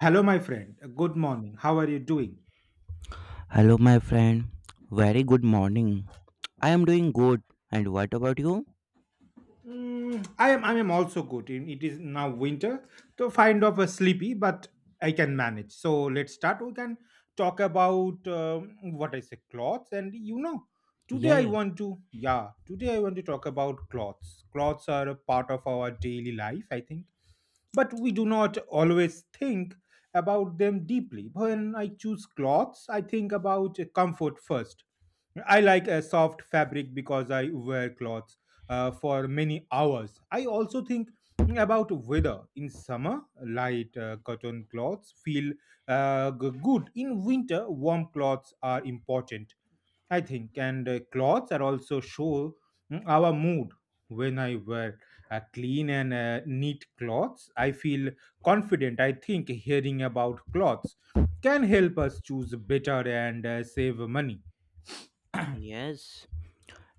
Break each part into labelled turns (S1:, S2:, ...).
S1: Hello, my friend. Good morning. How are you doing?
S2: Hello, my friend. Very good morning. I am doing good. And what about you?
S1: I am also good. It is now winter, so kind of a sleepy, but I can manage. So let's start. We can talk about what I say clothes, and today
S2: Yeah,
S1: I
S2: yeah.
S1: want to. Yeah, today I want to talk about clothes. Clothes are a part of our daily life, I think, but we do not always think about them deeply. When I choose clothes, I think about comfort first. I like a soft fabric because I wear clothes for many hours. I also think about weather. In summer, light cotton clothes feel good. In winter, warm clothes are important, I think. And clothes are also show our mood. When I wear clean and neat clothes, I feel confident, I think. Hearing about clothes can help us choose better and save money.
S2: Yes.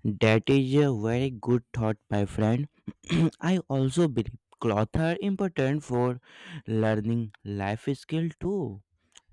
S2: That is a very good thought, my friend. I also believe clothes are important for learning life skill too.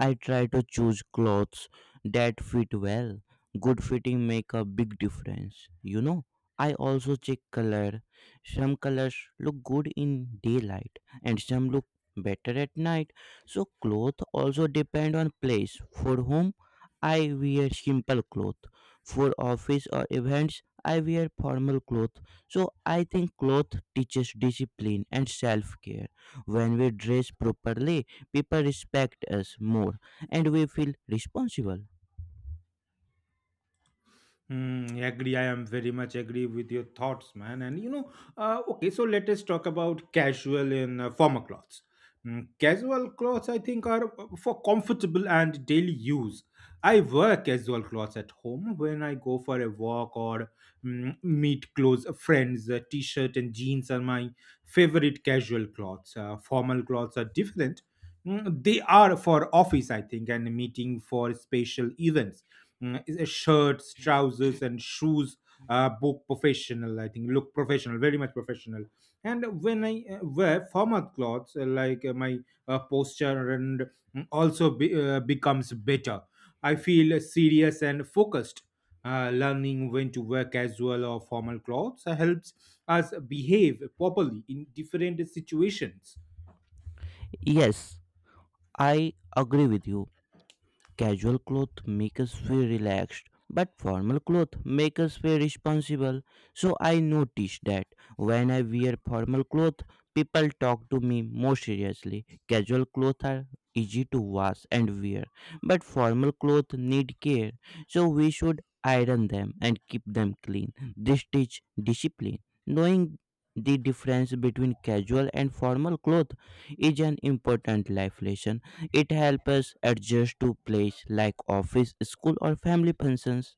S2: I try to choose clothes that fit well. Good fitting make a big difference. You know, I also check color. Some colors look good in daylight and some look better at night. So clothes also depend on place. For home, I wear simple clothes. For office or events I wear formal clothes. So I think clothes teaches discipline and self-care. When we dress properly, people respect us more and we feel responsible.
S1: Agree. I am very much agree with your thoughts, man. And okay, so let us talk about casual and formal clothes. Casual clothes, I think, are for comfortable and daily use. I wear casual clothes at home when I go for a walk or meet close friends. A t-shirt and jeans are my favorite casual clothes. Formal clothes are different. They are for office, I think, and meeting for special events. Shirts, trousers, and shoes book professional. I think look professional, very much professional. And when I wear formal clothes, like my posture and also becomes better. I feel serious and focused. Learning when to wear casual or formal clothes helps us behave properly in different situations.
S2: Yes, I agree with you. Casual clothes make us feel relaxed, but formal clothes make us feel responsible. So I noticed that when I wear formal clothes, people talk to me more seriously. Casual clothes are easy to wash and wear, but formal clothes need care. So we should iron them and keep them clean. This teach discipline. Knowing the difference between casual and formal clothes is an important life lesson. It helps us adjust to place like office, school, or family functions.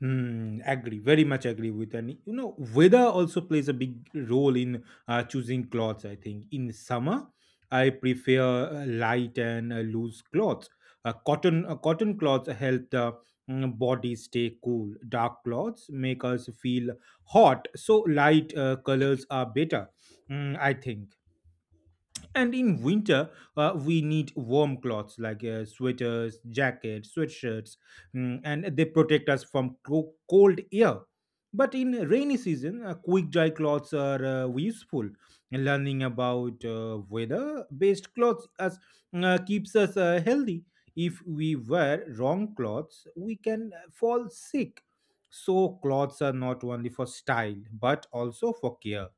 S1: Agree, very much agree with. And weather also plays a big role in choosing clothes. I think in summer I prefer light and loose clothes. Cotton clothes help the body stay cool. Dark clothes make us feel hot, so light colors are better. I think. And in winter, we need warm cloths like sweaters, jackets, sweatshirts, and they protect us from cold air. But in rainy season, quick dry cloths are useful. Learning about weather-based clothes keeps us healthy. If we wear wrong clothes, we can fall sick. So clothes are not only for style but also for care.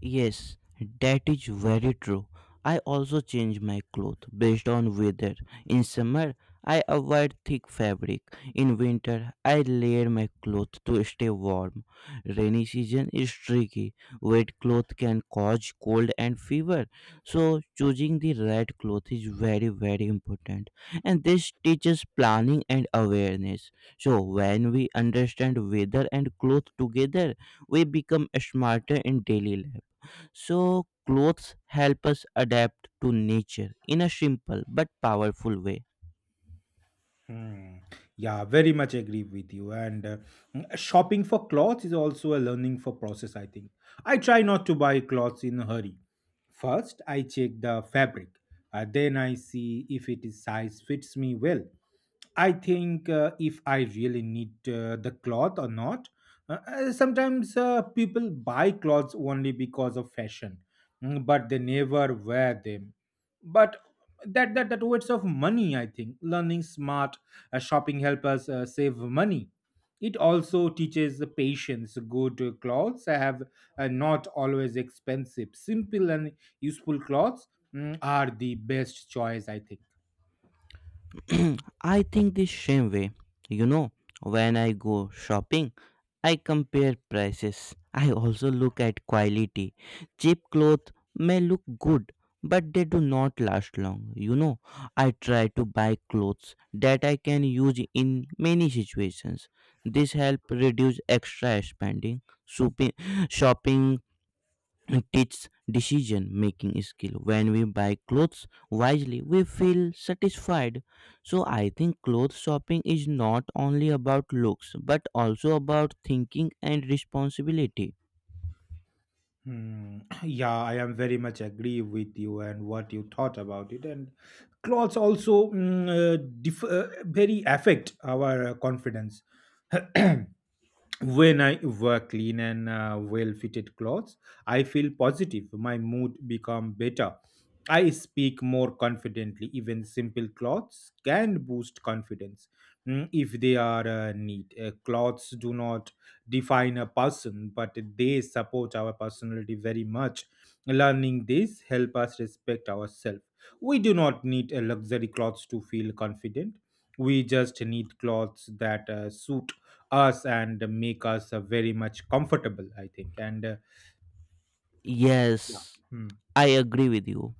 S2: Yes, that is very true. I also change my clothes based on weather. In summer, I avoid thick fabric. In winter, I layer my clothes to stay warm. Rainy season is tricky. Wet clothes can cause cold and fever. So, choosing the right clothes is very, very important. And this teaches planning and awareness. So, when we understand weather and clothes together, we become smarter in daily life. So, clothes help us adapt to nature in a simple but powerful way.
S1: Hmm. Yeah, very much agree with you. And shopping for clothes is also a learning for process, I think. I try not to buy clothes in a hurry. First, I check the fabric. Then I see if it is size fits me well. I think if I really need the cloth or not. Sometimes people buy clothes only because of fashion, but they never wear them. But that waste of money. I think learning smart shopping help us save money. It also teaches the patience. Good clothes have not always expensive. Simple and useful clothes are the best choice, I think.
S2: I think the same way. You know, when I go shopping, I compare prices. I also look at quality. Cheap clothes may look good, but they do not last long. You know, I try to buy clothes that I can use in many situations. This helps reduce extra spending. Shopping teaches decision making skill. When we buy clothes wisely we feel satisfied. So I think clothes shopping is not only about looks but also about thinking and responsibility.
S1: Hmm. Yeah, I am very much agree with you and what you thought about it. And clothes also very affect our confidence. When I wear clean and well fitted clothes, I feel positive. My mood become better. I speak more confidently. Even simple clothes can boost confidence if they are neat. Clothes do not define a person, but they support our personality very much. Learning this help us respect ourselves. We do not need a luxury clothes to feel confident. We just need clothes that suit us and make us very much comfortable, I think. And yeah.
S2: Yes,
S1: Hmm.
S2: I agree with you.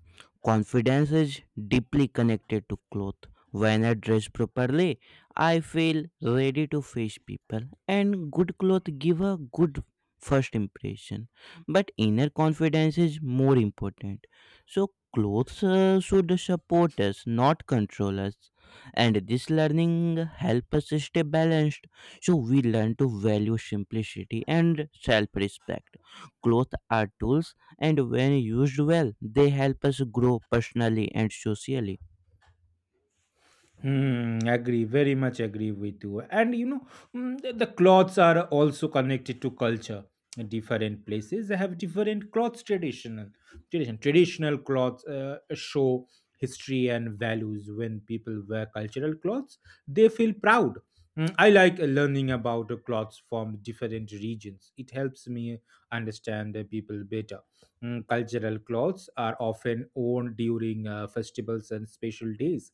S2: Confidence is deeply connected to clothes. When I dress properly, I feel ready to face people, and good clothes give a good first impression. But inner confidence is more important. So, clothes should support us, not control us. And this learning helps us stay balanced. So, we learn to value simplicity and self respect. Clothes are tools and when used well, they help us grow personally and socially.
S1: Agree, very much agree with you. And the clothes are also connected to culture. Different places have different clothes tradition. Traditional clothes show history and values. When people wear cultural clothes, they feel proud. I like learning about clothes from different regions. It helps me understand the people better. Cultural clothes are often worn during festivals and special days.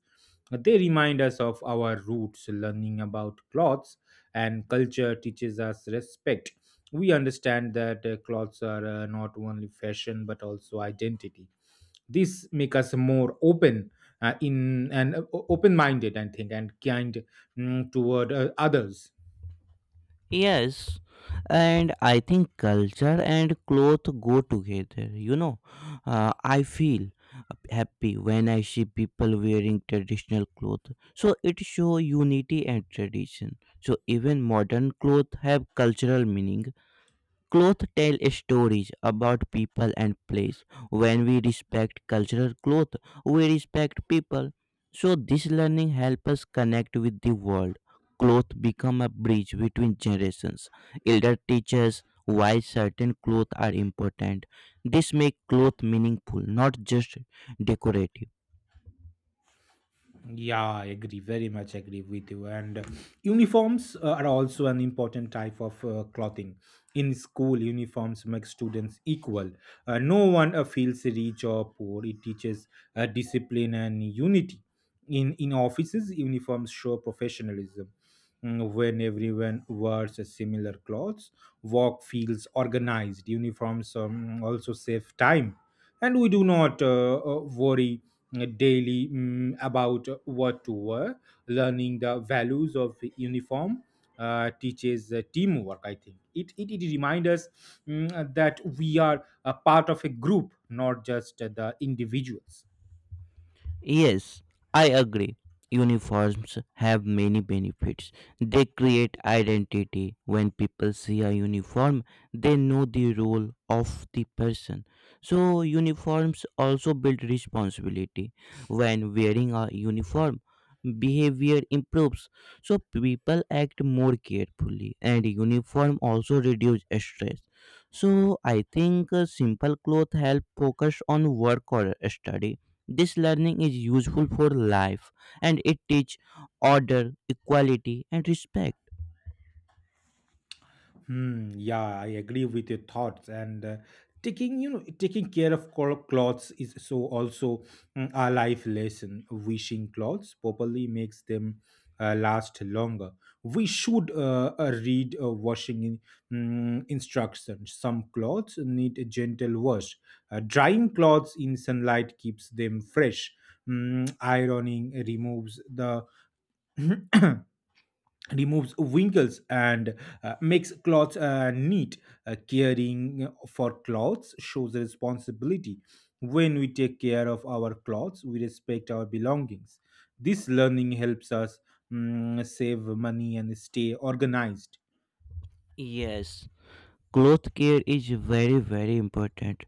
S1: They remind us of our roots. Learning about clothes and culture teaches us respect. We understand that clothes are not only fashion but also identity. This make us more uh, in and uh, open minded, I think, and kind toward others.
S2: Yes, and I think culture and cloth go together. You know, I feel happy when I see people wearing traditional clothes. So it shows unity and tradition. So even modern clothes have cultural meaning. Clothes tell stories about people and place. When we respect cultural clothes, we respect people. So this learning helps us connect with the world. Clothes become a bridge between generations. Elder teaches why certain clothes are important. This makes clothes meaningful, not just decorative.
S1: Yeah, I agree. Very much agree with you. And uniforms are also an important type of clothing. In school, uniforms make students equal. No one feels rich or poor. It teaches discipline and unity. In offices, uniforms show professionalism. When everyone wears a similar clothes, work feels organized. Uniforms also save time, and we do not worry daily about what to wear. Learning the values of uniform teaches teamwork, I think. It reminds us that we are a part of a group, not just the individuals.
S2: Yes, I agree. Uniforms have many benefits. They create identity. When people see a uniform, they know the role of the person. So, uniforms also build responsibility. When wearing a uniform, behavior improves. So, people act more carefully, and uniform also reduce stress. So, I think simple clothes help focus on work or study. This learning is useful for life and it teaches order, equality, and respect.
S1: Hmm, yeah, I agree with your thoughts. And taking taking care of clothes is so also a life lesson. Wishing clothes properly makes them last longer. We should read washing instructions. Some clothes need a gentle wash. Drying clothes in sunlight keeps them fresh. Ironing removes wrinkles and makes clothes neat. Caring for clothes shows responsibility. When we take care of our clothes, we respect our belongings. This learning helps us save money and stay organized.
S2: Yes, cloth care is very very important.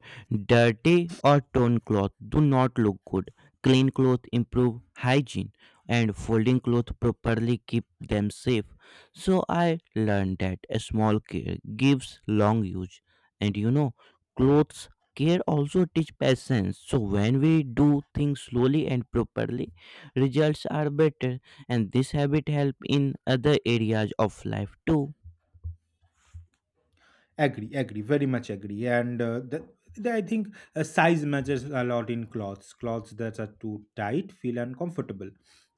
S2: Dirty or torn cloth do not look good. Clean cloth improve hygiene and folding cloth properly keep them safe. So I learned that a small care gives long use. And you know, clothes care also teach patience. So when we do things slowly and properly, results are better and this habit help in other areas of life too.
S1: Agree, agree, very much agree. And I think size matters a lot in clothes. Clothes that are too tight feel uncomfortable.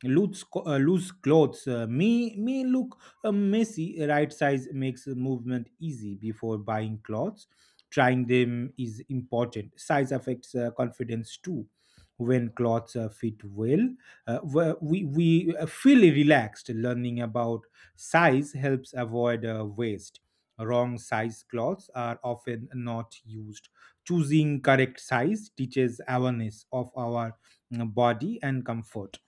S1: Loose clothes may look messy. Right size makes movement easy. Before buying clothes, trying them is important. Size affects confidence too when clothes fit well. We feel relaxed. Learning about size helps avoid waste. Wrong size clothes are often not used. Choosing correct size teaches awareness of our body and comfort.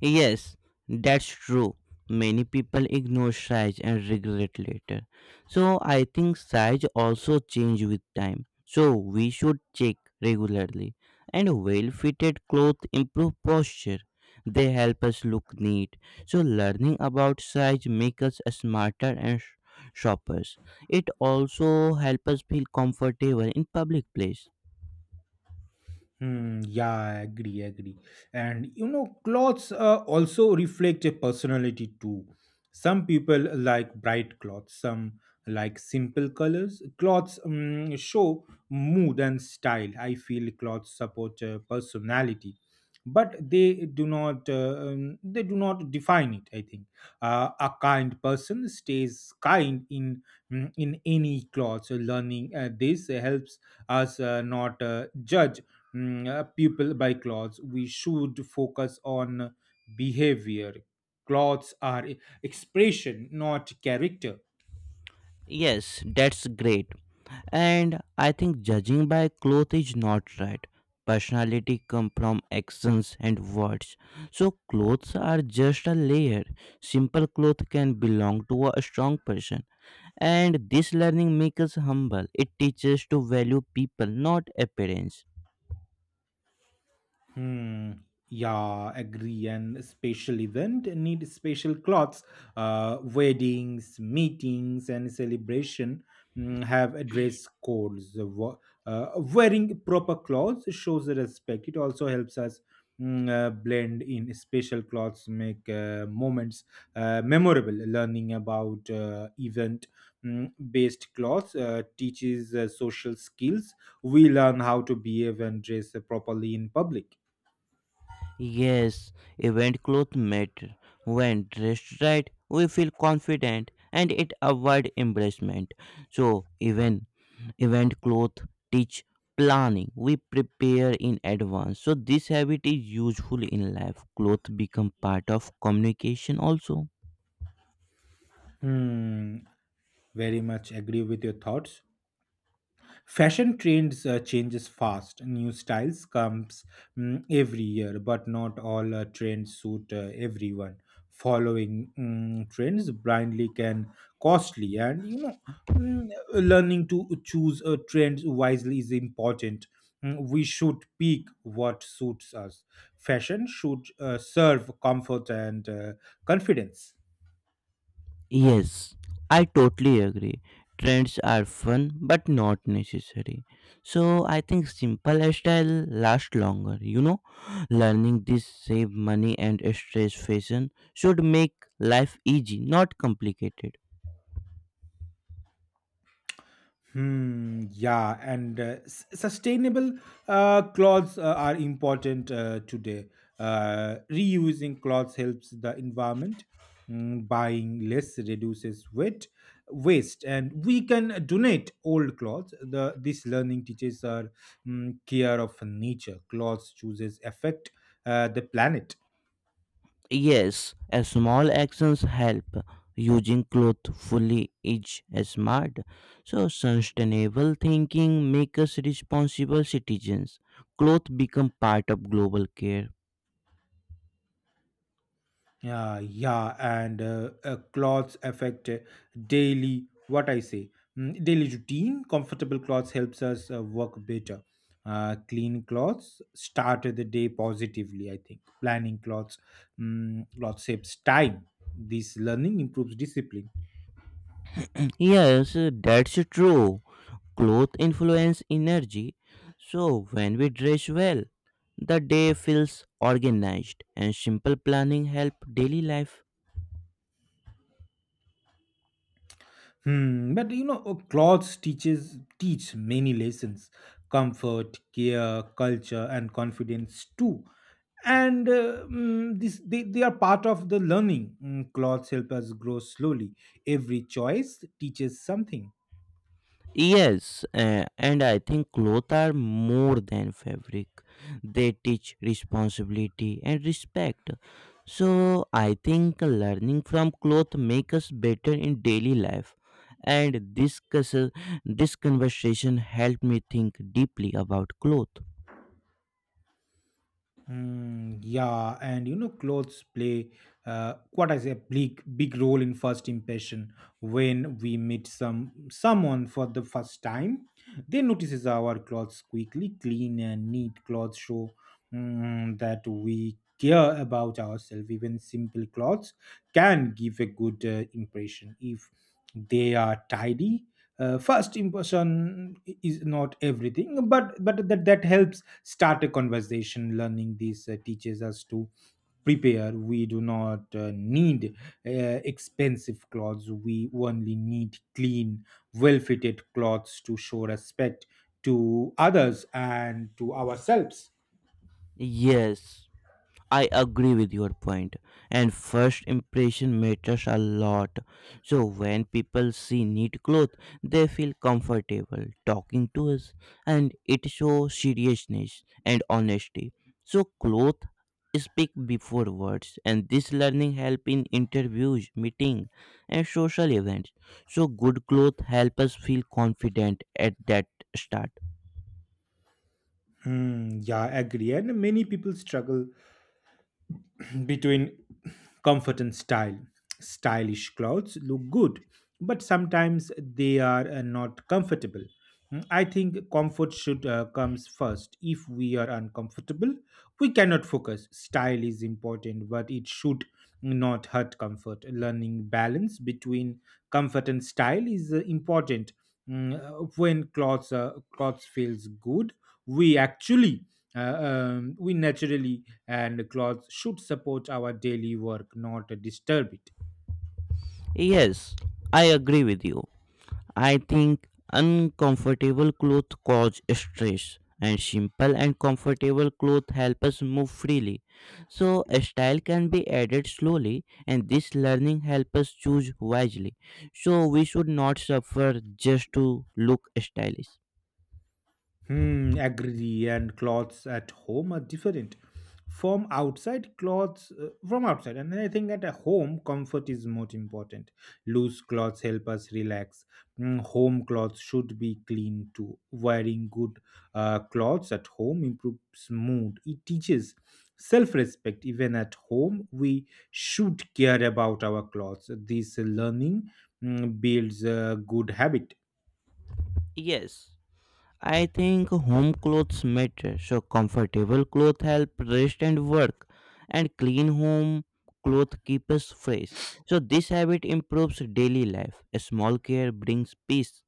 S2: Yes, that's true. Many people ignore size and regret later. So I think size also change with time. So we should check regularly. And well-fitted clothes improve posture. They help us look neat. So learning about size make us smarter and shoppers. It also help us feel comfortable in public place.
S1: Hmm, yeah, I agree, agree. And clothes also reflect a personality too. Some people like bright clothes, some like simple colors. Clothes show mood and style. I feel clothes support personality, but they do not define it, I think. A kind person stays kind in any clothes. So learning this helps us not judge people buy clothes. We should focus on behavior. Clothes are expression, not character.
S2: Yes, that's great. And I think judging by clothes is not right. Personality come from actions and words. So clothes are just a layer. Simple clothes can belong to a strong person. And this learning makes us humble. It teaches to value people, not appearance.
S1: Hmm. Yeah, agree. And special event need special clothes. Weddings, meetings, and celebration have a dress codes. Wearing proper clothes shows the respect. It also helps us blend in special clothes, make moments memorable. Learning about event based clothes teaches social skills. We learn how to behave and dress properly in public.
S2: Yes, event clothes matter. When dressed right, we feel confident and it avoid embarrassment. So even event clothes teach planning. We prepare in advance. So this habit is useful in life. Clothes become part of communication also.
S1: Hmm, Very much agree with your thoughts. Fashion trends changes fast. New styles comes every year, but not all trends suit everyone. Following trends blindly can costly, and mm, learning to choose trends wisely is important. We should pick what suits us. Fashion should serve comfort and confidence.
S2: Yes, I totally agree. Trends are fun but not necessary. So I think simple style last longer. You know, learning this save money and stress. Fashion should make life easy, not complicated.
S1: Hmm, yeah, and sustainable clothes are important today. Reusing clothes helps the environment. Buying less reduces weight, waste, and we can donate old clothes. The this learning teaches our care of nature. Clothes chooses affect the planet.
S2: Yes, a small actions help. Using cloth fully is smart. So sustainable thinking make us responsible citizens. Cloth become part of global care.
S1: Yeah, yeah, and clothes affect daily what I say mm, daily routine. Comfortable clothes helps us work better. Clean clothes start the day positively. I think planning cloth saves time. This learning improves discipline.
S2: Yes, that's true. Clothes influence energy. So when we dress well, the day feels organized and simple planning help daily life.
S1: But clothes teach many lessons: comfort, care, culture, and confidence too. And they are part of the learning. Clothes help us grow slowly. Every choice teaches something.
S2: Yes, and I think clothes are more than fabric. They teach responsibility and respect. So I think learning from clothes make us better in daily life. And this, this conversation helped me think deeply about clothes.
S1: Mm, yeah, and clothes play quite as a big, big role in first impression. When we meet someone for the first time, they notices our clothes quickly. Clean and neat clothes show that we care about ourselves. Even simple clothes can give a good impression if they are tidy. First impression is not everything, but that helps start a conversation. Learning this teaches us to prepare. We do not need uh, expensive clothes. We only need clean, well fitted clothes to show respect to others and to ourselves.
S2: Yes, I agree with your point. And first impression matters a lot. So when people see neat clothes, they feel comfortable talking to us and it shows seriousness and honesty. So clothes speak before words and this learning help in interviews, meeting and social events. So good clothes help us feel confident at that start.
S1: Hmm, yeah, I agree. And many people struggle between comfort and style. Stylish clothes look good, but sometimes they are not comfortable. I think comfort should comes first. If we are uncomfortable, we cannot focus. Style is important, but it should not hurt comfort. Learning balance between comfort and style is important. When clothes clothes feels good, we actually we naturally and clothes should support our daily work, not disturb it.
S2: Yes, I agree with you. I think uncomfortable clothes cause stress and simple and comfortable clothes help us move freely. So a style can be added slowly and this learning helps us choose wisely. So we should not suffer just to look stylish.
S1: Hmm, agree. And clothes at home are different from outside, and I think at a home comfort is most important. Loose clothes help us relax. Home clothes should be clean too. Wearing good clothes at home improves mood. It teaches self-respect. Even at home we should care about our clothes. This learning builds a good habit.
S2: Yes, I think home clothes matter. So comfortable clothes help rest and work, and clean home clothes keep us fresh. So this habit improves daily life. A small care brings peace.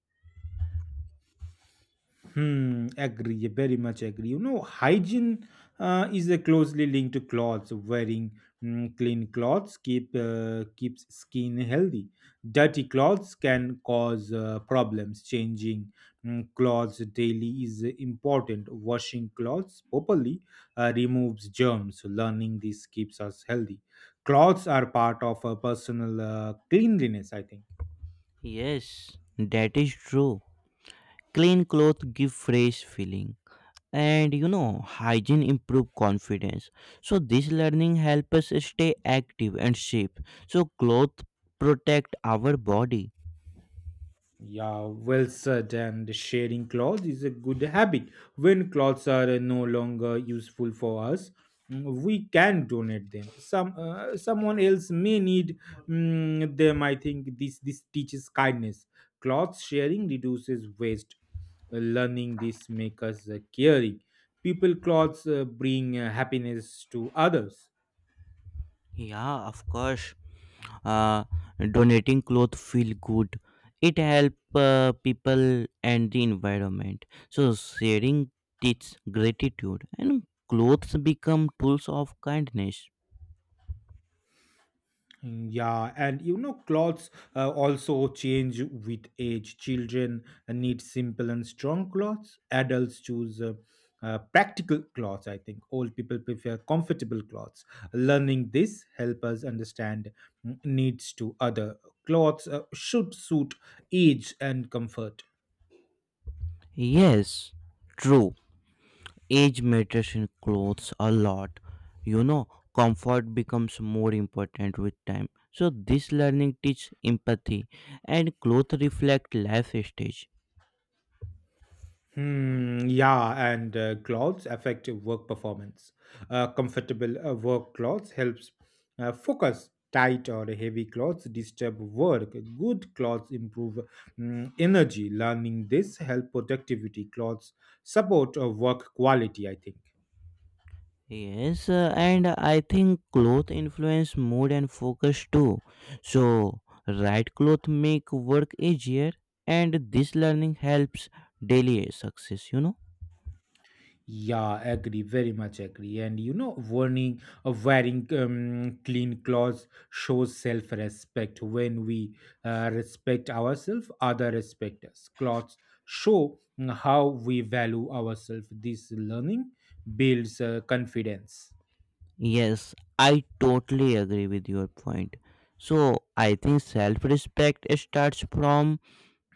S1: Hmm, agree, yeah, very much agree. Hygiene is closely linked to clothes. Wearing clean clothes keeps skin healthy. Dirty clothes can cause problems. Changing clothes daily is important. Washing clothes properly removes germs. Learning this keeps us healthy. Clothes are part of a personal cleanliness, I think.
S2: Yes, that is true. Clean clothes give fresh feeling, and you know hygiene improve confidence. So this learning help us stay active and safe. So clothes protect our body.
S1: Yeah, well said. And sharing clothes is a good habit. When clothes are no longer useful for us, we can donate them. Someone else may need them. I think this teaches kindness. Cloth sharing reduces waste. Learning this makes us caring. People clothes bring happiness to others.
S2: Yeah, of course. uh, Donating clothes feel good. It help people and the environment. So sharing teach gratitude and clothes become tools of kindness.
S1: Yeah, and you know, clothes also change with age. Children need simple and strong clothes. Adults choose practical clothes, I think. Old people prefer comfortable clothes. Learning this help us understand needs to other. Clothes should suit age and comfort.
S2: Yes, true. Age matters in clothes a lot. You know, comfort becomes more important with time. So this learning teach empathy and clothes reflect life stage.
S1: Hmm, yeah, and clothes affect work performance. Comfortable work clothes helps focus. Tight or heavy clothes disturb work. Good clothes improve energy. Learning this help productivity. Clothes support work quality, I think.
S2: Yes, and I think clothes influence mood and focus too. So, right clothes make work easier, and this learning helps daily success, you know.
S1: Yeah, agree, very much agree. And you know, warning of wearing clean clothes shows self respect. When we respect ourselves, other respect us. Clothes show how we value ourselves. This learning builds confidence.
S2: Yes, I totally agree with your point. So, I think self respect starts from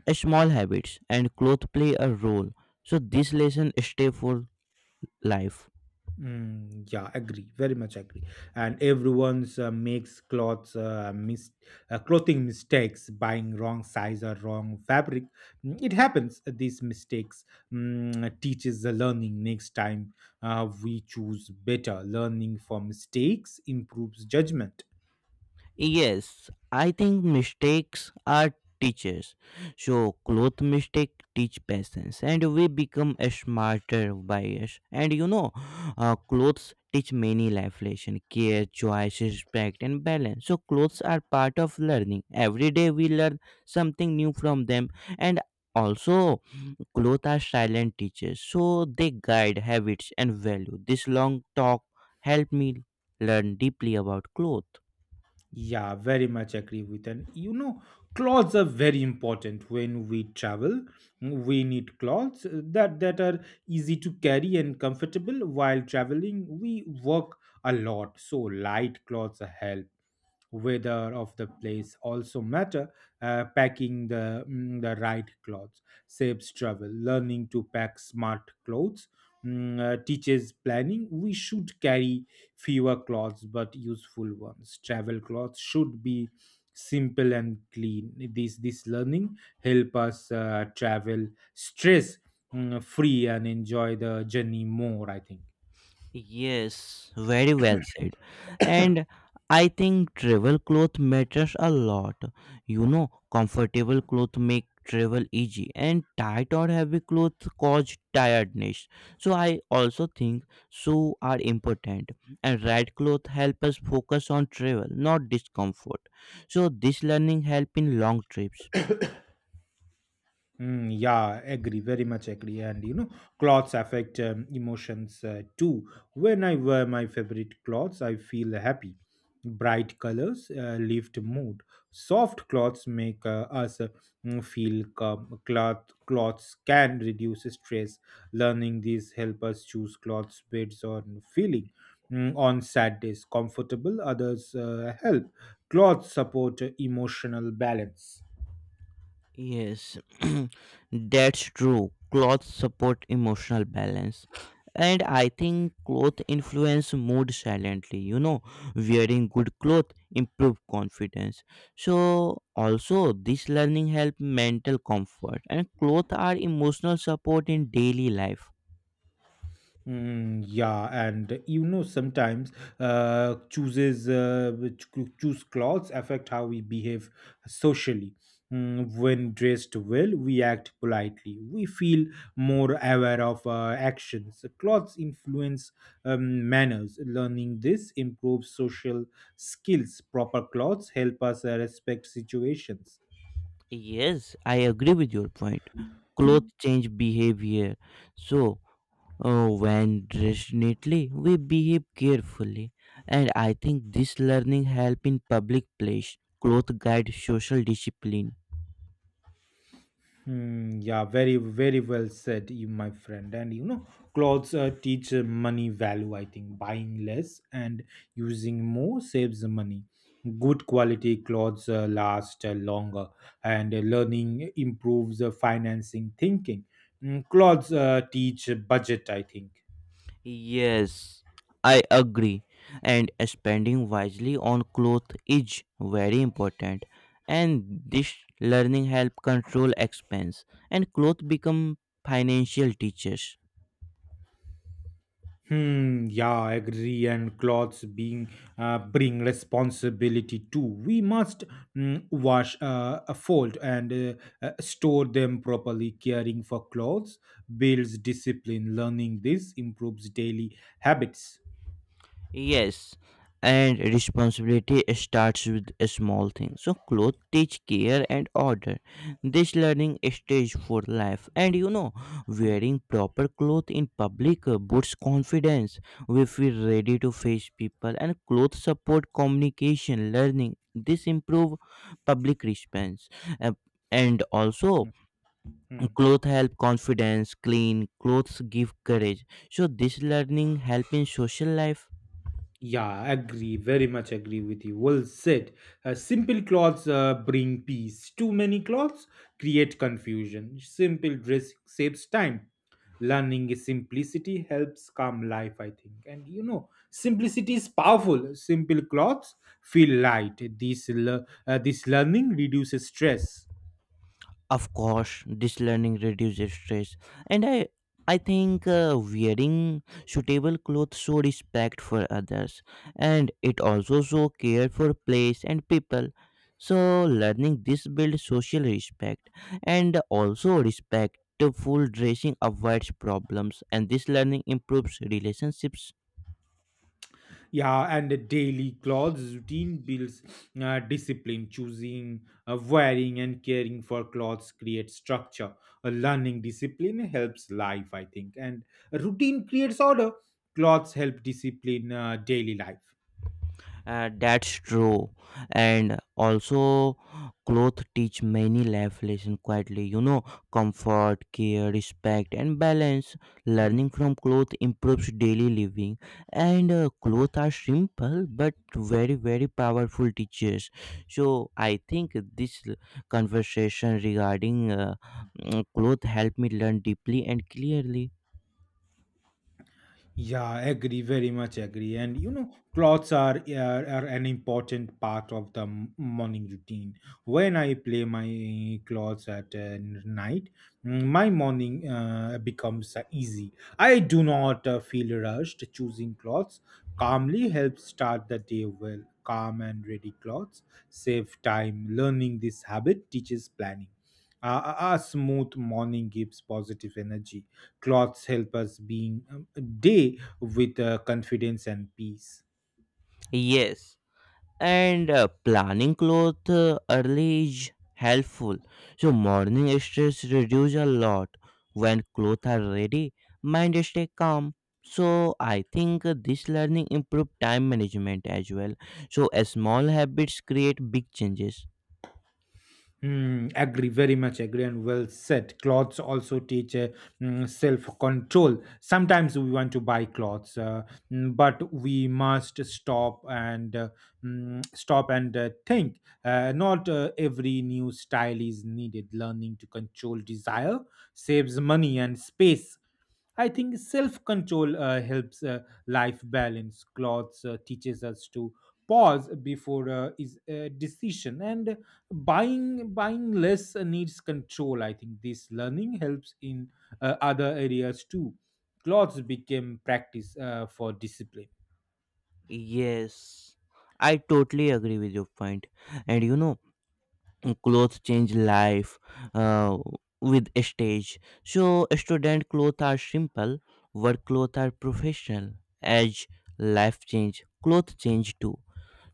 S2: a small habits, and clothes play a role. So, this lesson stay for life.
S1: Mm, yeah, agree. Very much agree. And everyone's makes clothes, clothing mistakes, buying wrong size or wrong fabric. It happens. These mistakes teaches the learning. Next time, we choose better. Learning from mistakes improves judgment.
S2: Yes, I think mistakes are teachers. So cloth mistake teach patience, and we become a smarter by us. And you know, clothes teach many life lesson, care, choice, respect, and balance. So clothes are part of learning. Every day we learn something new from them, and also clothes are silent teachers. So they guide habits and value. This long talk helped me learn deeply about clothes.
S1: Yeah, very much agree with. And you know, clothes are very important when we travel. We need clothes that are easy to carry and comfortable while traveling. We work a lot, so light clothes help. Weather of the place also matter. Packing the right clothes saves travel. Learning to pack smart clothes teaches planning. We should carry fewer clothes but useful ones. Travel clothes should be simple and clean. This learning help us travel stress free and enjoy the journey more, I think.
S2: Yes, very well said. And I think travel cloth matters a lot. You know, comfortable clothes make travel easy and tight or heavy clothes cause tiredness. So I also think shoes are important and right clothes help us focus on travel, not discomfort. So this learning help in long trips.
S1: Mm, yeah, agree, very much agree. And you know, clothes affect emotions too. When I wear my favorite clothes, I feel happy. Bright colors lift mood. Soft clothes make us feel calm. Clothes can reduce stress. Learning these help us choose clothes based on feeling. Mm, on sad days, comfortable. Others help. Clothes support emotional balance.
S2: Yes, that's true. Clothes support emotional balance. And I think clothes influence mood silently. You know, wearing good clothes improve confidence. So also this learning help mental comfort and clothes are emotional support in daily life.
S1: Mm, yeah, and you know sometimes choose clothes affect how we behave socially. When dressed well, we act politely. We feel more aware of our actions. Clothes influence manners. Learning this improves social skills. Proper clothes help us respect situations.
S2: Yes, I agree with your point. Clothes change behavior. So oh, when definitely we behave carefully, and I think this learning help in public place, cloth guide social discipline.
S1: Hmm, yeah, very well said, you, my friend. And you know, clothes teach money value, I think. Buying less and using more saves money. Good quality clothes last longer, and learning improves financing thinking. Clothes teach budget, I think.
S2: Yes, I agree, and spending wisely on cloth is very important, and this learning help control expense, and cloth become financial teachers.
S1: Hmm, yeah, I agree. And clothes being bring responsibility too. We must wash, fold, and store them properly. Caring for clothes builds discipline. Learning this improves daily habits.
S2: Yes, and responsibility starts with a small thing. So clothes teach care and order. This learning stage for life. And you know,
S1: Mm,
S2: wearing proper clothes in public boosts confidence. We feel ready to face people and clothes support communication, learning. This improve public response. Uh, and also
S1: mm, mm.
S2: clothes help confidence, clean clothes give courage. So this learning help in social life.
S1: Yeah, agree. Very much agree with you. Well said. Simple clothes bring peace. Too many clothes create confusion. Simple dress saves time. Learning is simplicity helps calm life, I think. And you know, simplicity is powerful. Simple clothes feel light. This learning reduces stress.
S2: Of course, this learning reduces stress, and I think wearing suitable clothes show respect for others, and it also show care for place and people. So learning this builds social respect, and also respectful dressing avoids problems, and this learning improves relationships.
S1: Yeah, and the daily clothes routine builds discipline. Choosing, wearing, and caring for clothes creates structure. A learning discipline helps life, I think. And routine creates order. Clothes help discipline daily life.
S2: That's true. And also, clothes teach many life lessons quietly. You know, comfort, care, respect, and balance.
S1: Hmm.
S2: Learning from clothes improves daily living. And clothes are simple but very, very powerful teachers. So I think this conversation regarding clothes helped me learn deeply and clearly.
S1: Yeah, agree, very much agree. And you know, clothes are an important part of the morning routine. When I play my clothes at night, my morning becomes easy. I do not feel rushed. Choosing clothes calmly helps start the day well. Calm and ready clothes save time. Learning this habit teaches planning. A smooth morning gives positive energy. Clothes help us being day with confidence and peace.
S2: Yes. And planning clothes early is helpful, so morning stress reduce a lot. When clothes are ready, mind stay calm. So I think this learning improve time management as well. So small habits create big changes.
S1: Mm, agree, very much agree, and well said. Clothes also teach self control. Sometimes we want to buy clothes, but we must stop and think. Not every new style is needed. Learning to control desire saves money and space. I think self control helps life balance. Clothes teaches us to pause before is a decision, and buying less needs control. I think this learning helps in other areas too. Clothes became practice for discipline.
S2: Yes, I totally agree with your point. And you know, clothes change life uh, with stage. So student clothes are simple, work clothes are professional. As life change, clothes change too.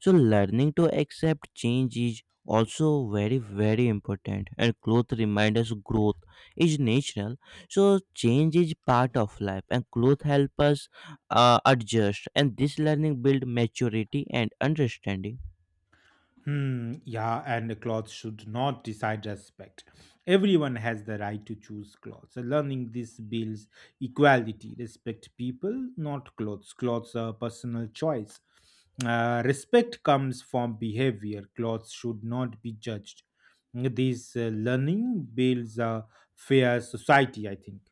S2: So learning to accept change is also very, very important, and clothes remind us growth is natural. So change is part of life, and clothes help us adjust, and this learning build maturity and understanding.
S1: Hmm, yeah, and clothes should not decide respect. Everyone has the right to choose clothes. Learning this builds equality. Respect people, not clothes. Clothes are personal choice. Respect comes from behavior. Clothes should not be judged. This learning builds a fair society, I think.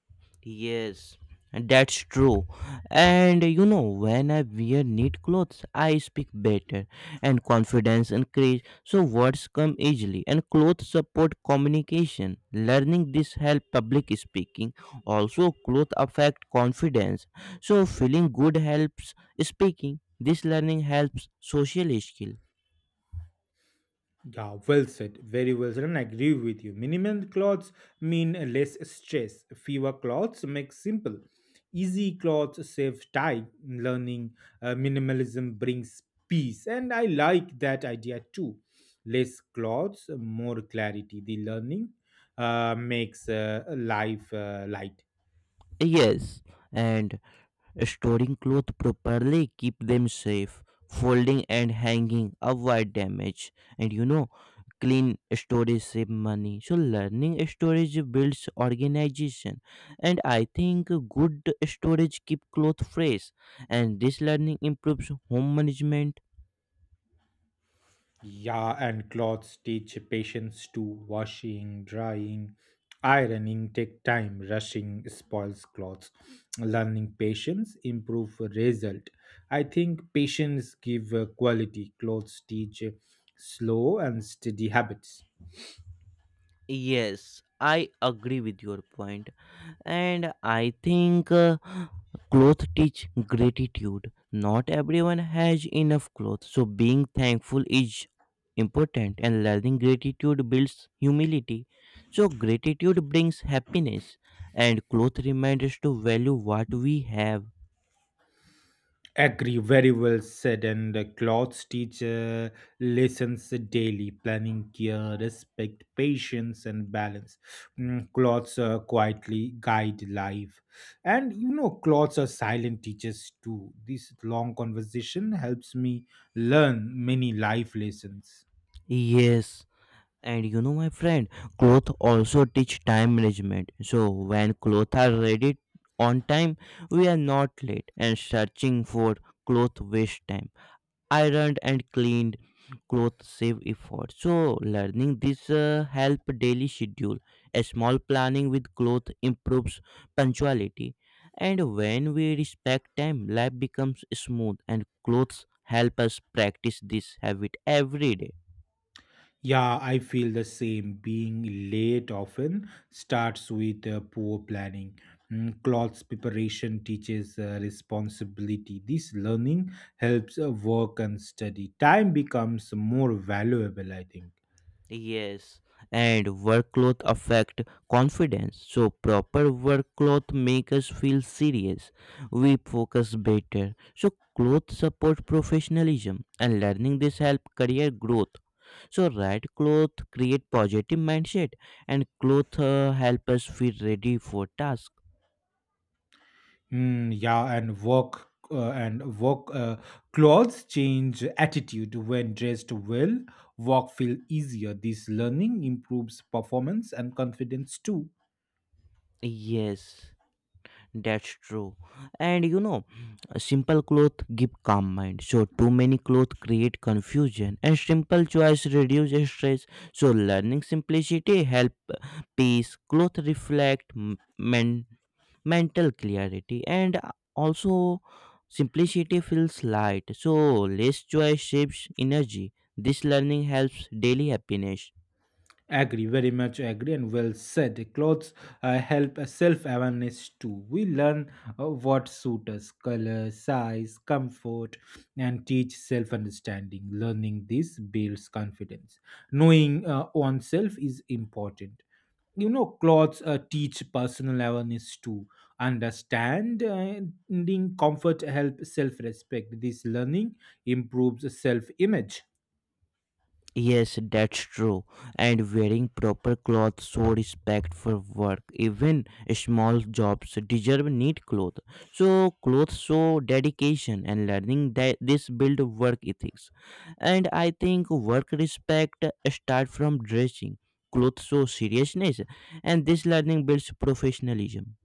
S2: Yes, that's true. And you know, when I wear neat clothes, I speak better and confidence increase. So words come easily and clothes support communication. Learning this help public speaking. Also clothes affect confidence. So feeling good helps speaking. This learning helps social skill.
S1: Yeah, well said. Very well said, and I agree with you. Minimal clothes mean less stress. Fewer clothes make simple. Easy clothes save time. Learning minimalism brings peace, and I like that idea too. Less clothes, more clarity. The learning makes life lighter.
S2: Yes. And storing clothes properly keep them safe. Folding and hanging avoid damage. And you know, clean storage save money. So learning storage builds organization. And I think good storage keep clothes fresh. And this learning improves home management.
S1: Yeah, and clothes teach patience to washing, drying, ironing take time. Rushing spoils clothes. Learning patience improve result. I think patience give quality. Clothes teach slow and steady habits.
S2: Yes, I agree with your point. And I think clothes teach gratitude. Not everyone has enough clothes, so being thankful is important, and learning gratitude builds humility. So gratitude brings happiness, and clothes remind us to value what we have.
S1: Agree, very well said. And the clothes teacher lessons daily, planning care, respect, patience, and balance. Clothes quietly guide life. And you know, clothes are silent teachers too. This long conversation helps me learn many life lessons.
S2: Yes, and you know, my friend, clothes also teach time management. So when clothes are ready on time, we are not late, and searching for clothes waste time. Ironed and cleaned clothes save effort. So learning this help daily schedule. A small planning with cloth improves punctuality, and when we respect time, life becomes smooth, and clothes help us practice this habit every day.
S1: Yeah, I feel the same. Being late often starts with poor planning. Clothes preparation teaches responsibility. This learning helps work and study. Time becomes more valuable, I think.
S2: Yes, and workload affect confidence. So proper workload make us feel serious. We focus better. So clothes support professionalism, and learning this help career growth. So right clothes create positive mindset, and clothes help us feel ready for task.
S1: Mm, yeah, and work clothes change attitude when dressed well. Work feel easier. This learning improves performance and confidence too.
S2: Yes. That's true. And you know, a simple clothes give calm mind. So too many clothes create confusion, and simple choice reduce stress. So learning simplicity help peace. Clothes reflect mental clarity, and also simplicity feels light. So less choice shapes energy. This learning helps daily happiness.
S1: Agree, very much agree, and well said. Clothes help self awareness too. We learn what suits us, color, size, comfort, and teach self understanding. Learning this builds confidence. Knowing oneself is important. You know, clothes teach personal awareness too. Understanding comfort help self respect. This learning improves self image.
S2: Yes, that's true. And wearing proper clothes show respect for work. Even small jobs deserve neat clothes. So clothes show dedication, and learning that this build work ethics. And I think work respect start from dressing. Clothes show seriousness, and this learning builds professionalism.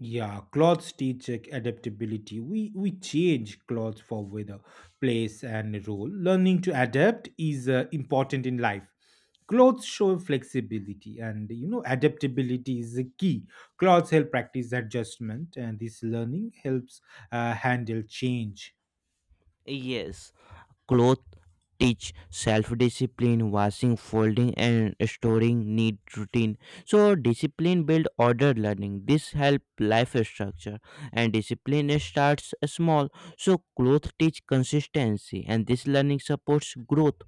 S1: Yeah, clothes teach adaptability. We change clothes for weather, place, and role. Learning to adapt is important in life. Clothes show flexibility, and you know adaptability is a key. Clothes help practice adjustment, and this learning helps handle change.
S2: Yes. Clothes teach self discipline. Washing, folding, and storing need routine. So discipline build order learning. This help life structure, and discipline starts small. So clothes teach consistency, and this learning supports growth.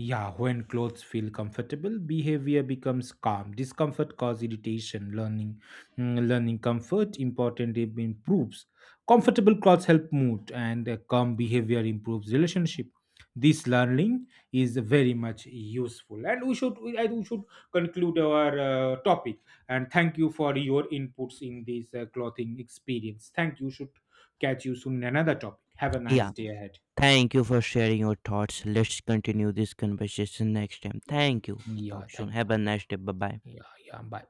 S1: Yeah, when clothes feel comfortable, behavior becomes calm. Discomfort causes irritation. Learning comfort important improves. Comfortable clothes help mood, and calm behavior improves relationship. This learning is very much useful, and we should conclude our topic. And thank you for your inputs in this clothing experience. Thank you. Should catch you soon in another topic. Have a nice
S2: Yeah.
S1: day ahead.
S2: Thank you for sharing your thoughts. Let's continue this conversation next time. Thank you.
S1: Yeah,
S2: Talk soon.
S1: thank you.
S2: Have a nice day. Bye bye.
S1: Yeah, yeah. Bye.